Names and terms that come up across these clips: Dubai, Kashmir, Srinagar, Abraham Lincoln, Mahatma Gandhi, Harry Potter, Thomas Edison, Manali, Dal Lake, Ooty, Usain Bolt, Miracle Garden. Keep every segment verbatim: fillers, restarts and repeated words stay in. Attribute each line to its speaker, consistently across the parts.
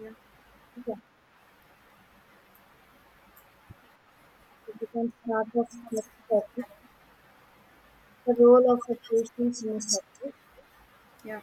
Speaker 1: Yeah,
Speaker 2: Yeah, we can start off next topic, the role of a patient in a success.
Speaker 1: yeah.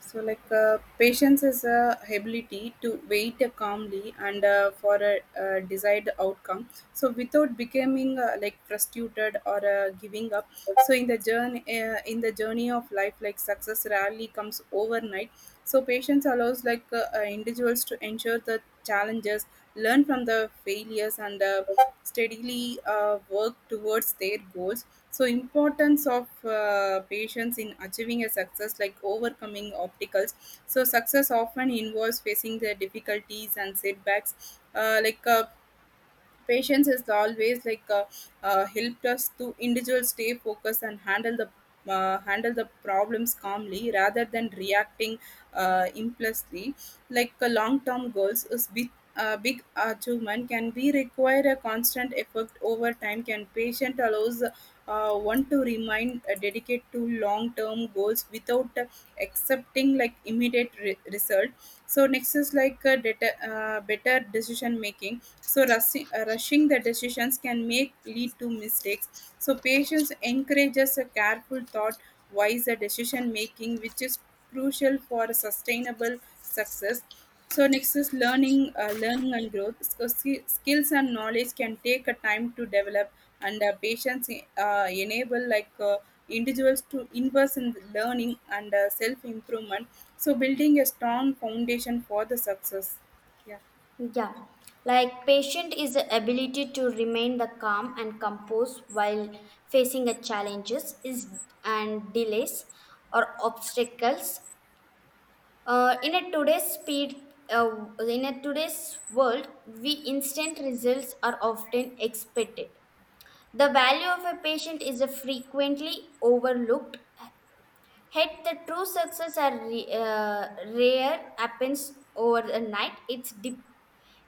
Speaker 1: So, like, uh, patience is a ability to wait calmly and uh, for a, uh desired outcome. So, without becoming uh, like frustrated or uh, giving up. So, in the journey, uh, in the journey of life, like success rarely comes overnight. So, patience allows like uh, uh, individuals to ensure the challenges, learn from the failures, and uh, steadily uh, work towards their goals. So importance of uh, patience in achieving a success, like overcoming obstacles. So success often involves facing the difficulties and setbacks, uh, like uh, patience has always like uh, uh, helped us to individuals stay focused and handle the uh, handle the problems calmly rather than reacting uh, impulsively. Like uh, long-term goals is big. A big achievement can be require a constant effort over time. Can patient allows uh, one to remain uh, dedicated to long-term goals without uh, accepting like immediate re- result. So next is like a data, uh, better decision making. So rushing, uh, rushing the decisions can make lead to mistakes. So patience encourages a careful thought, wiser decision making, which is crucial for sustainable success. So next is learning uh, learning and growth. So, ski- skills and knowledge can take a time to develop, and uh, patients uh, enable like uh, individuals to invest in learning and uh, self improvement, so building a strong foundation for the success. Yeah.
Speaker 2: Yeah, like patient is the ability to remain the calm and composed while facing the challenges is and delays or obstacles. Uh, in a today's speed, uh, in a today's world, we instant results are often expected. The value of a patient is frequently overlooked. Yet the true success are re- uh, rare happens over the night. It's de-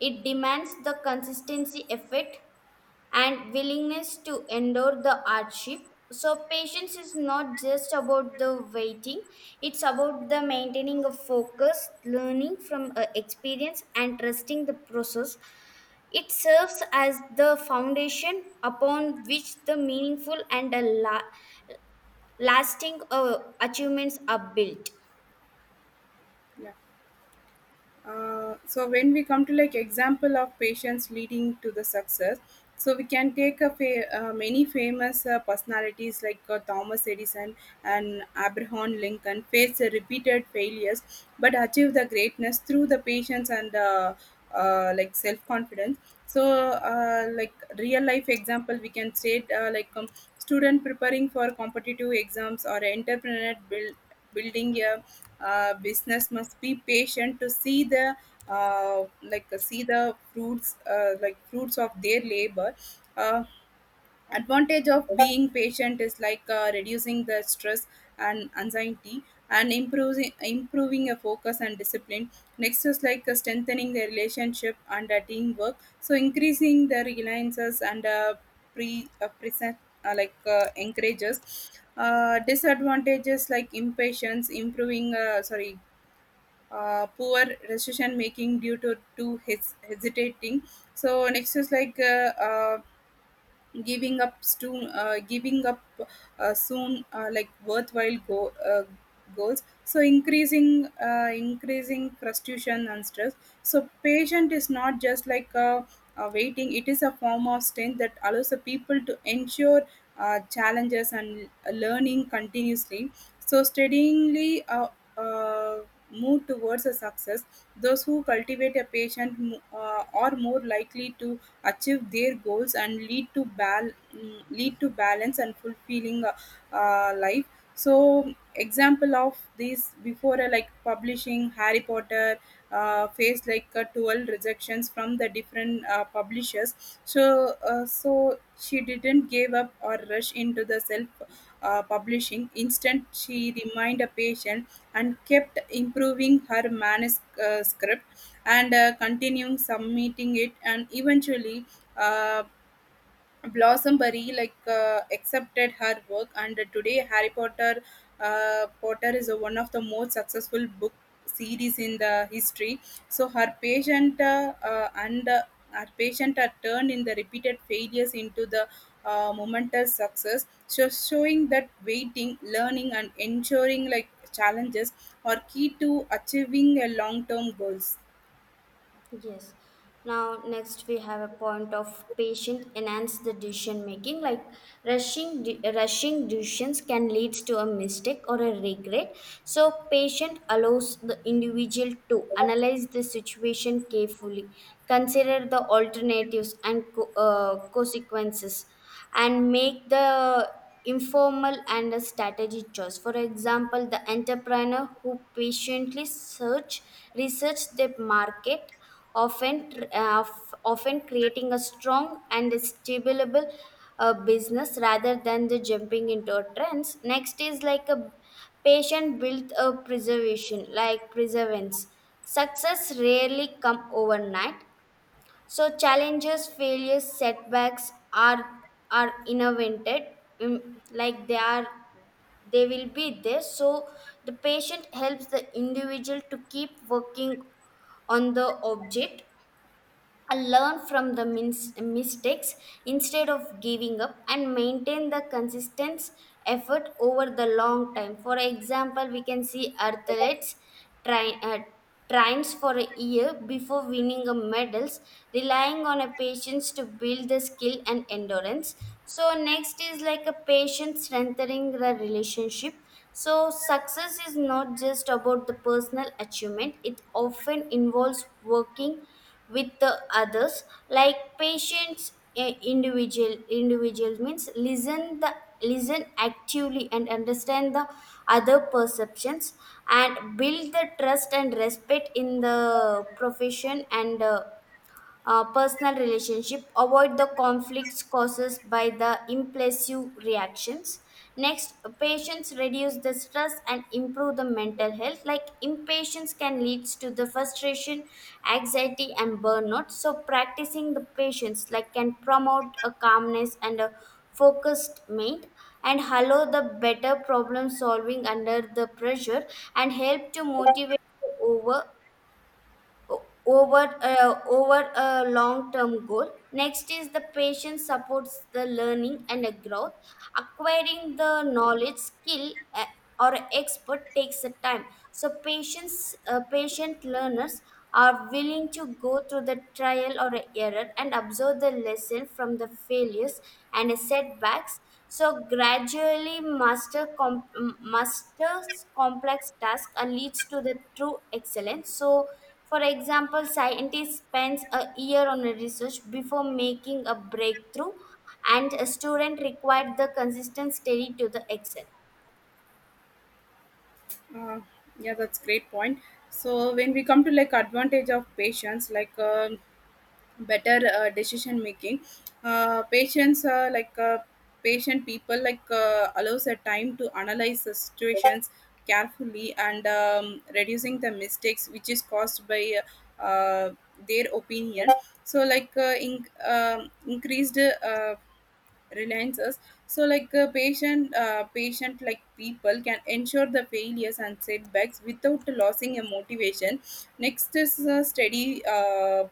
Speaker 2: It demands the consistency, effort, and willingness to endure the hardship. So patience is not just about the waiting; it's about the maintaining of focus, learning from uh, experience, and trusting the process. It serves as the foundation upon which the meaningful and a la- lasting uh, achievements are built.
Speaker 1: Yeah, uh, so when we come to like example of patients leading to the success, so we can take a fa- uh, many famous uh, personalities like uh, Thomas Edison and Abraham Lincoln faced uh, repeated failures but achieved the greatness through the patience and uh, uh, like self confidence. So uh, like real life example, we can state uh, like um, student preparing for competitive exams or entrepreneur build, building a uh, business must be patient to see the uh, like see the fruits uh, like fruits of their labor. Uh, advantage of being patient is like uh, reducing the stress and anxiety and improving improving a focus and discipline. Next is like uh, strengthening the relationship and uh, teamwork, so increasing the reliances and uh, pre uh, present uh, like uh, encourages uh, disadvantages like impatience improving uh, sorry, uh, poor decision making due to to his hesitating. So next is like uh, uh, giving up soon, uh, giving up uh, soon, uh, like worthwhile go, uh, goals. So increasing, uh, increasing frustration and stress. So patient is not just like a, a waiting; it is a form of strength that allows the people to ensure uh, challenges and learning continuously. So steadily Uh, uh, move towards a success. Those who cultivate a patient mo- uh, are more likely to achieve their goals and lead to bal- mm, lead to balance and fulfilling uh, uh, life. So example of this, before uh, like publishing Harry Potter, uh, faced like uh, twelve rejections from the different uh, publishers. So uh, so she didn't give up or rush into the self uh, publishing. Instead she remained a patient and kept improving her manuscript and uh, continuing submitting it, and eventually uh, Blossomberry like uh, accepted her work, and today harry potter uh, Potter is one of the most successful book series in the history. So her patient uh, uh, and uh, her patient are turned in the repeated failures into the uh, momentous success, so showing that waiting, learning and ensuring like challenges are key to achieving a long-term goals.
Speaker 2: Yes. Now, next we have a point of patient enhance the decision making. Like rushing, de- rushing decisions can lead to a mistake or a regret. So, patient allows the individual to analyze the situation carefully, consider the alternatives and co- uh, consequences, and make the informal and a strategy choice. For example, the entrepreneur who patiently search research the market often tr- uh, f- often creating a strong and stable uh, business rather than the jumping into a trends. Next is like a patient built a preservation like preservance. Success rarely come overnight, so challenges, failures, setbacks are are invented. Mm, like they are, they will be there. So the patient helps the individual to keep working on the object. I learn from the mins- mistakes instead of giving up and maintain the consistent effort over the long time. For example, we can see athletes try, uh, trains for a year before winning a medals, relying on a patience to build the skill and endurance. So next is like a patient strengthening the relationship. So, success is not just about the personal achievement, it often involves working with the others, like patience, eh, individual individual means listen the listen actively and understand the other perceptions and build the trust and respect in the profession and uh, uh, personal relationship avoid the conflicts caused by the impulsive reactions. Next, patience reduce the stress and improve the mental health like impatience can lead to the frustration, anxiety and burnout. So practicing the patience like can promote a calmness and a focused mind and allow the better problem solving under the pressure and help to motivate over o- over uh, over a long term goal. Next is the patient supports the learning and the growth acquiring the knowledge skill uh, or expert takes a time. So patients uh, patient learners are willing to go through the trial or error and absorb the lesson from the failures and setbacks, so gradually master com- m- masters complex task and leads to the true excellence. So for example, scientist spends a year on a research before making a breakthrough and a student required the consistent study to the excel.
Speaker 1: Uh, yeah, that's great point. So when we come to like advantage of patients, like um better uh, decision making, uh, patients uh, like uh, patient people like uh, allows a time to analyze the situations carefully and um, reducing the mistakes which is caused by uh, their opinion. So like uh, in, um increased uh, reliances, so like uh, patient uh, patient like people can ensure the failures and setbacks without losing a motivation. Next is uh, steady uh,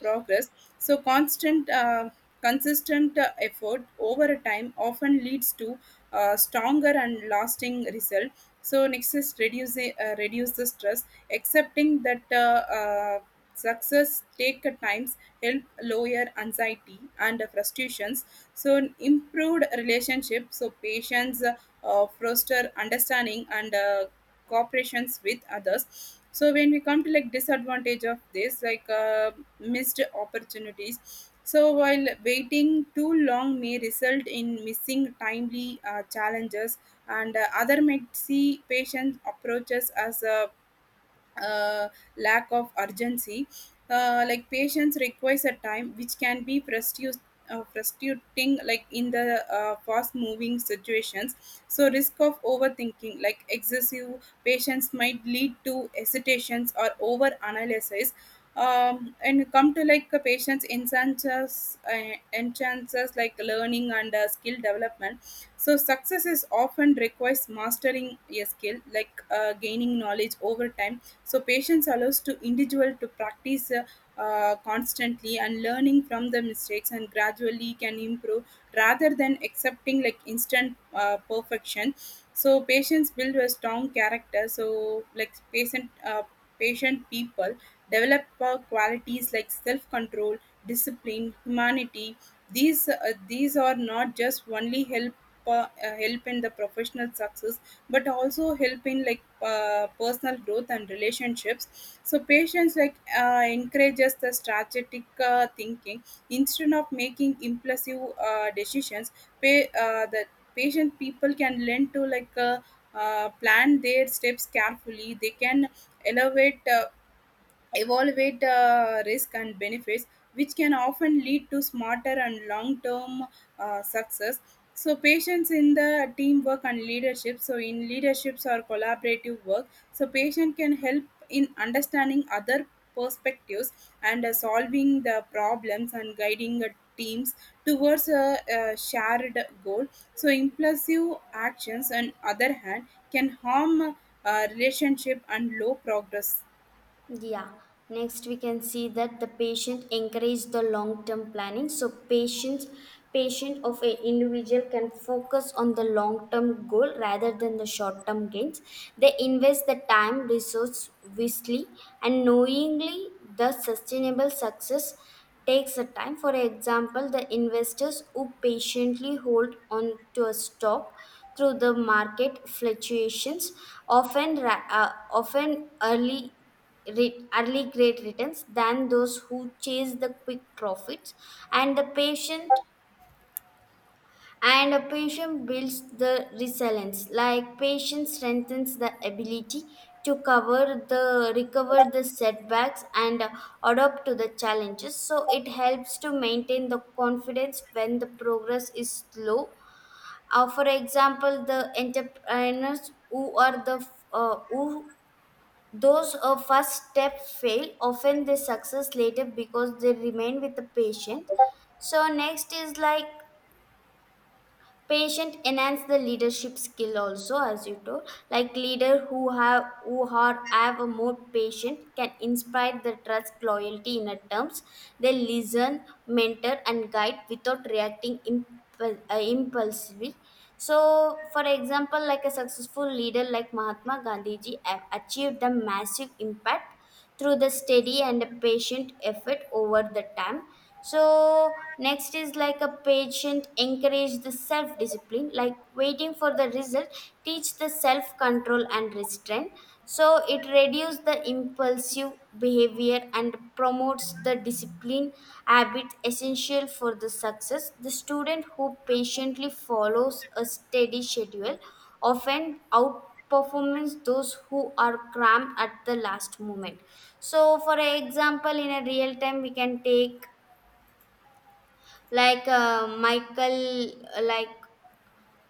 Speaker 1: progress. So constant uh, consistent uh, effort over a time often leads to uh, stronger and lasting result. So next is reduce the- uh, reduce the stress, accepting that uh, uh, success take a times, help lower anxiety and frustrations. So an improved relationship, so patients uh, foster understanding and uh, cooperations with others. So when we come to like disadvantage of this, like uh, missed opportunities. So while waiting too long may result in missing timely uh, challenges, and uh, other might see patient approaches as a uh, lack of urgency. Uh, like patience requires a time which can be frustrating, uh, frustrating like in the uh, fast moving situations. So risk of overthinking, like excessive patience might lead to hesitations or over analysis. Um, and come to like a patient's enhances, uh, enhances like learning and uh, skill development. So success is often requires mastering a skill, like uh, gaining knowledge over time. So patience allows to individual to practice uh, uh, constantly and learning from the mistakes and gradually can improve rather than accepting like instant uh, perfection. So patience build a strong character, so like patient uh, patient people develop uh, qualities like self control, discipline, humanity. these uh, these are not just only help uh, uh, help in the professional success, but also help in like uh, personal growth and relationships. So patience like uh, encourages the strategic uh, thinking instead of making impulsive uh, decisions. Pay, uh, the patient people can learn to like uh, uh, plan their steps carefully. They can elevate uh, evaluate uh, risk and benefits, which can often lead to smarter and long term uh, success. So, patience in the teamwork and leadership. So, in leaderships or collaborative work, so patient can help in understanding other perspectives and uh, solving the problems and guiding uh, teams towards a, a shared goal. So, impulsive actions, on other hand, can harm uh, relationship and low progress.
Speaker 2: Yeah, next we can see that the patient encourage the long-term planning. So patients patient of an individual can focus on the long-term goal rather than the short-term gains. They invest the time, resource wisely and knowingly the sustainable success takes a time. For example, the investors who patiently hold on to a stock through the market fluctuations often ra- uh, often early re- early great returns than those who chase the quick profits. And the patient and a patient builds the resilience like patience strengthens the ability to cover the recover the setbacks and uh, adapt to the challenges, so it helps to maintain the confidence when the progress is slow. Uh, for example, the entrepreneurs who are the uh, who those a first step fail, often they success later because they remain with the patient. So next is like patient enhance the leadership skill also as you told like leader who have who are have a more patient can inspire the trust loyalty in a terms. They listen, mentor and guide without reacting impul- uh, impulsively. So, for example, like a successful leader like Mahatma Gandhi ji have achieved a massive impact through the steady and patient effort over the time. So next is like a patient encourage the self discipline like waiting for the result teach the self control and restraint, so it reduces the impulsive behavior and promotes the discipline habit essential for the success. The student who patiently follows a steady schedule often out performance those who are cramped at the last moment. So for example in a real time we can take like uh, michael uh, like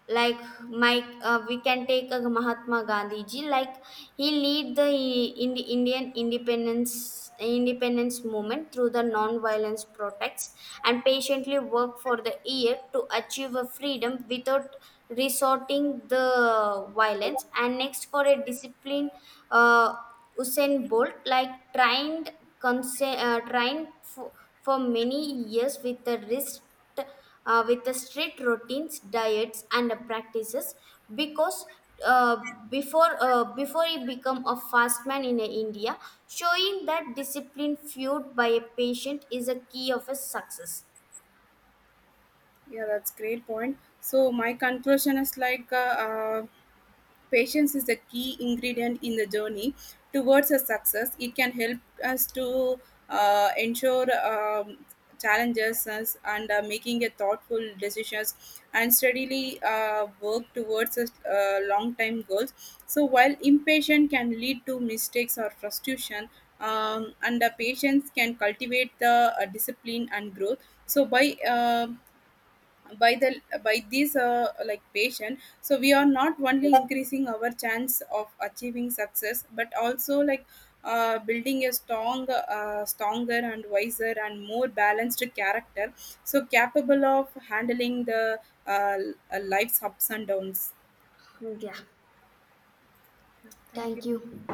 Speaker 2: like Mike, uh, we can take a Mahatma Gandhi ji. Like he lead the in Indian independence independence movement through the non-violence protests and patiently work for the year to achieve a freedom without resorting the violence. And next for a discipline, uh, Usain Bolt like trained conse- uh, trained for, for many years with the wrist uh, with the strict routines, diets, and practices because uh, before uh, before he become a fast man in uh, India, showing that discipline fueled by a patient is a key of his success.
Speaker 1: Yeah, that's great point. So my conclusion is like uh, uh, patience is a key ingredient in the journey towards a success. It can help us to uh, ensure um, challenges us and uh, making a thoughtful decisions and steadily uh, work towards a uh, long time goals. So while impatient can lead to mistakes or frustration, um, and the patience can cultivate the uh, discipline and growth. So by uh, by the by these uh, like patient, so we are not only increasing our chance of achieving success, but also like uh, building a strong uh, stronger and wiser and more balanced character, so capable of handling the uh, l- uh, life's ups and downs.
Speaker 2: Yeah,
Speaker 1: Thank
Speaker 2: thank
Speaker 1: you.
Speaker 2: you.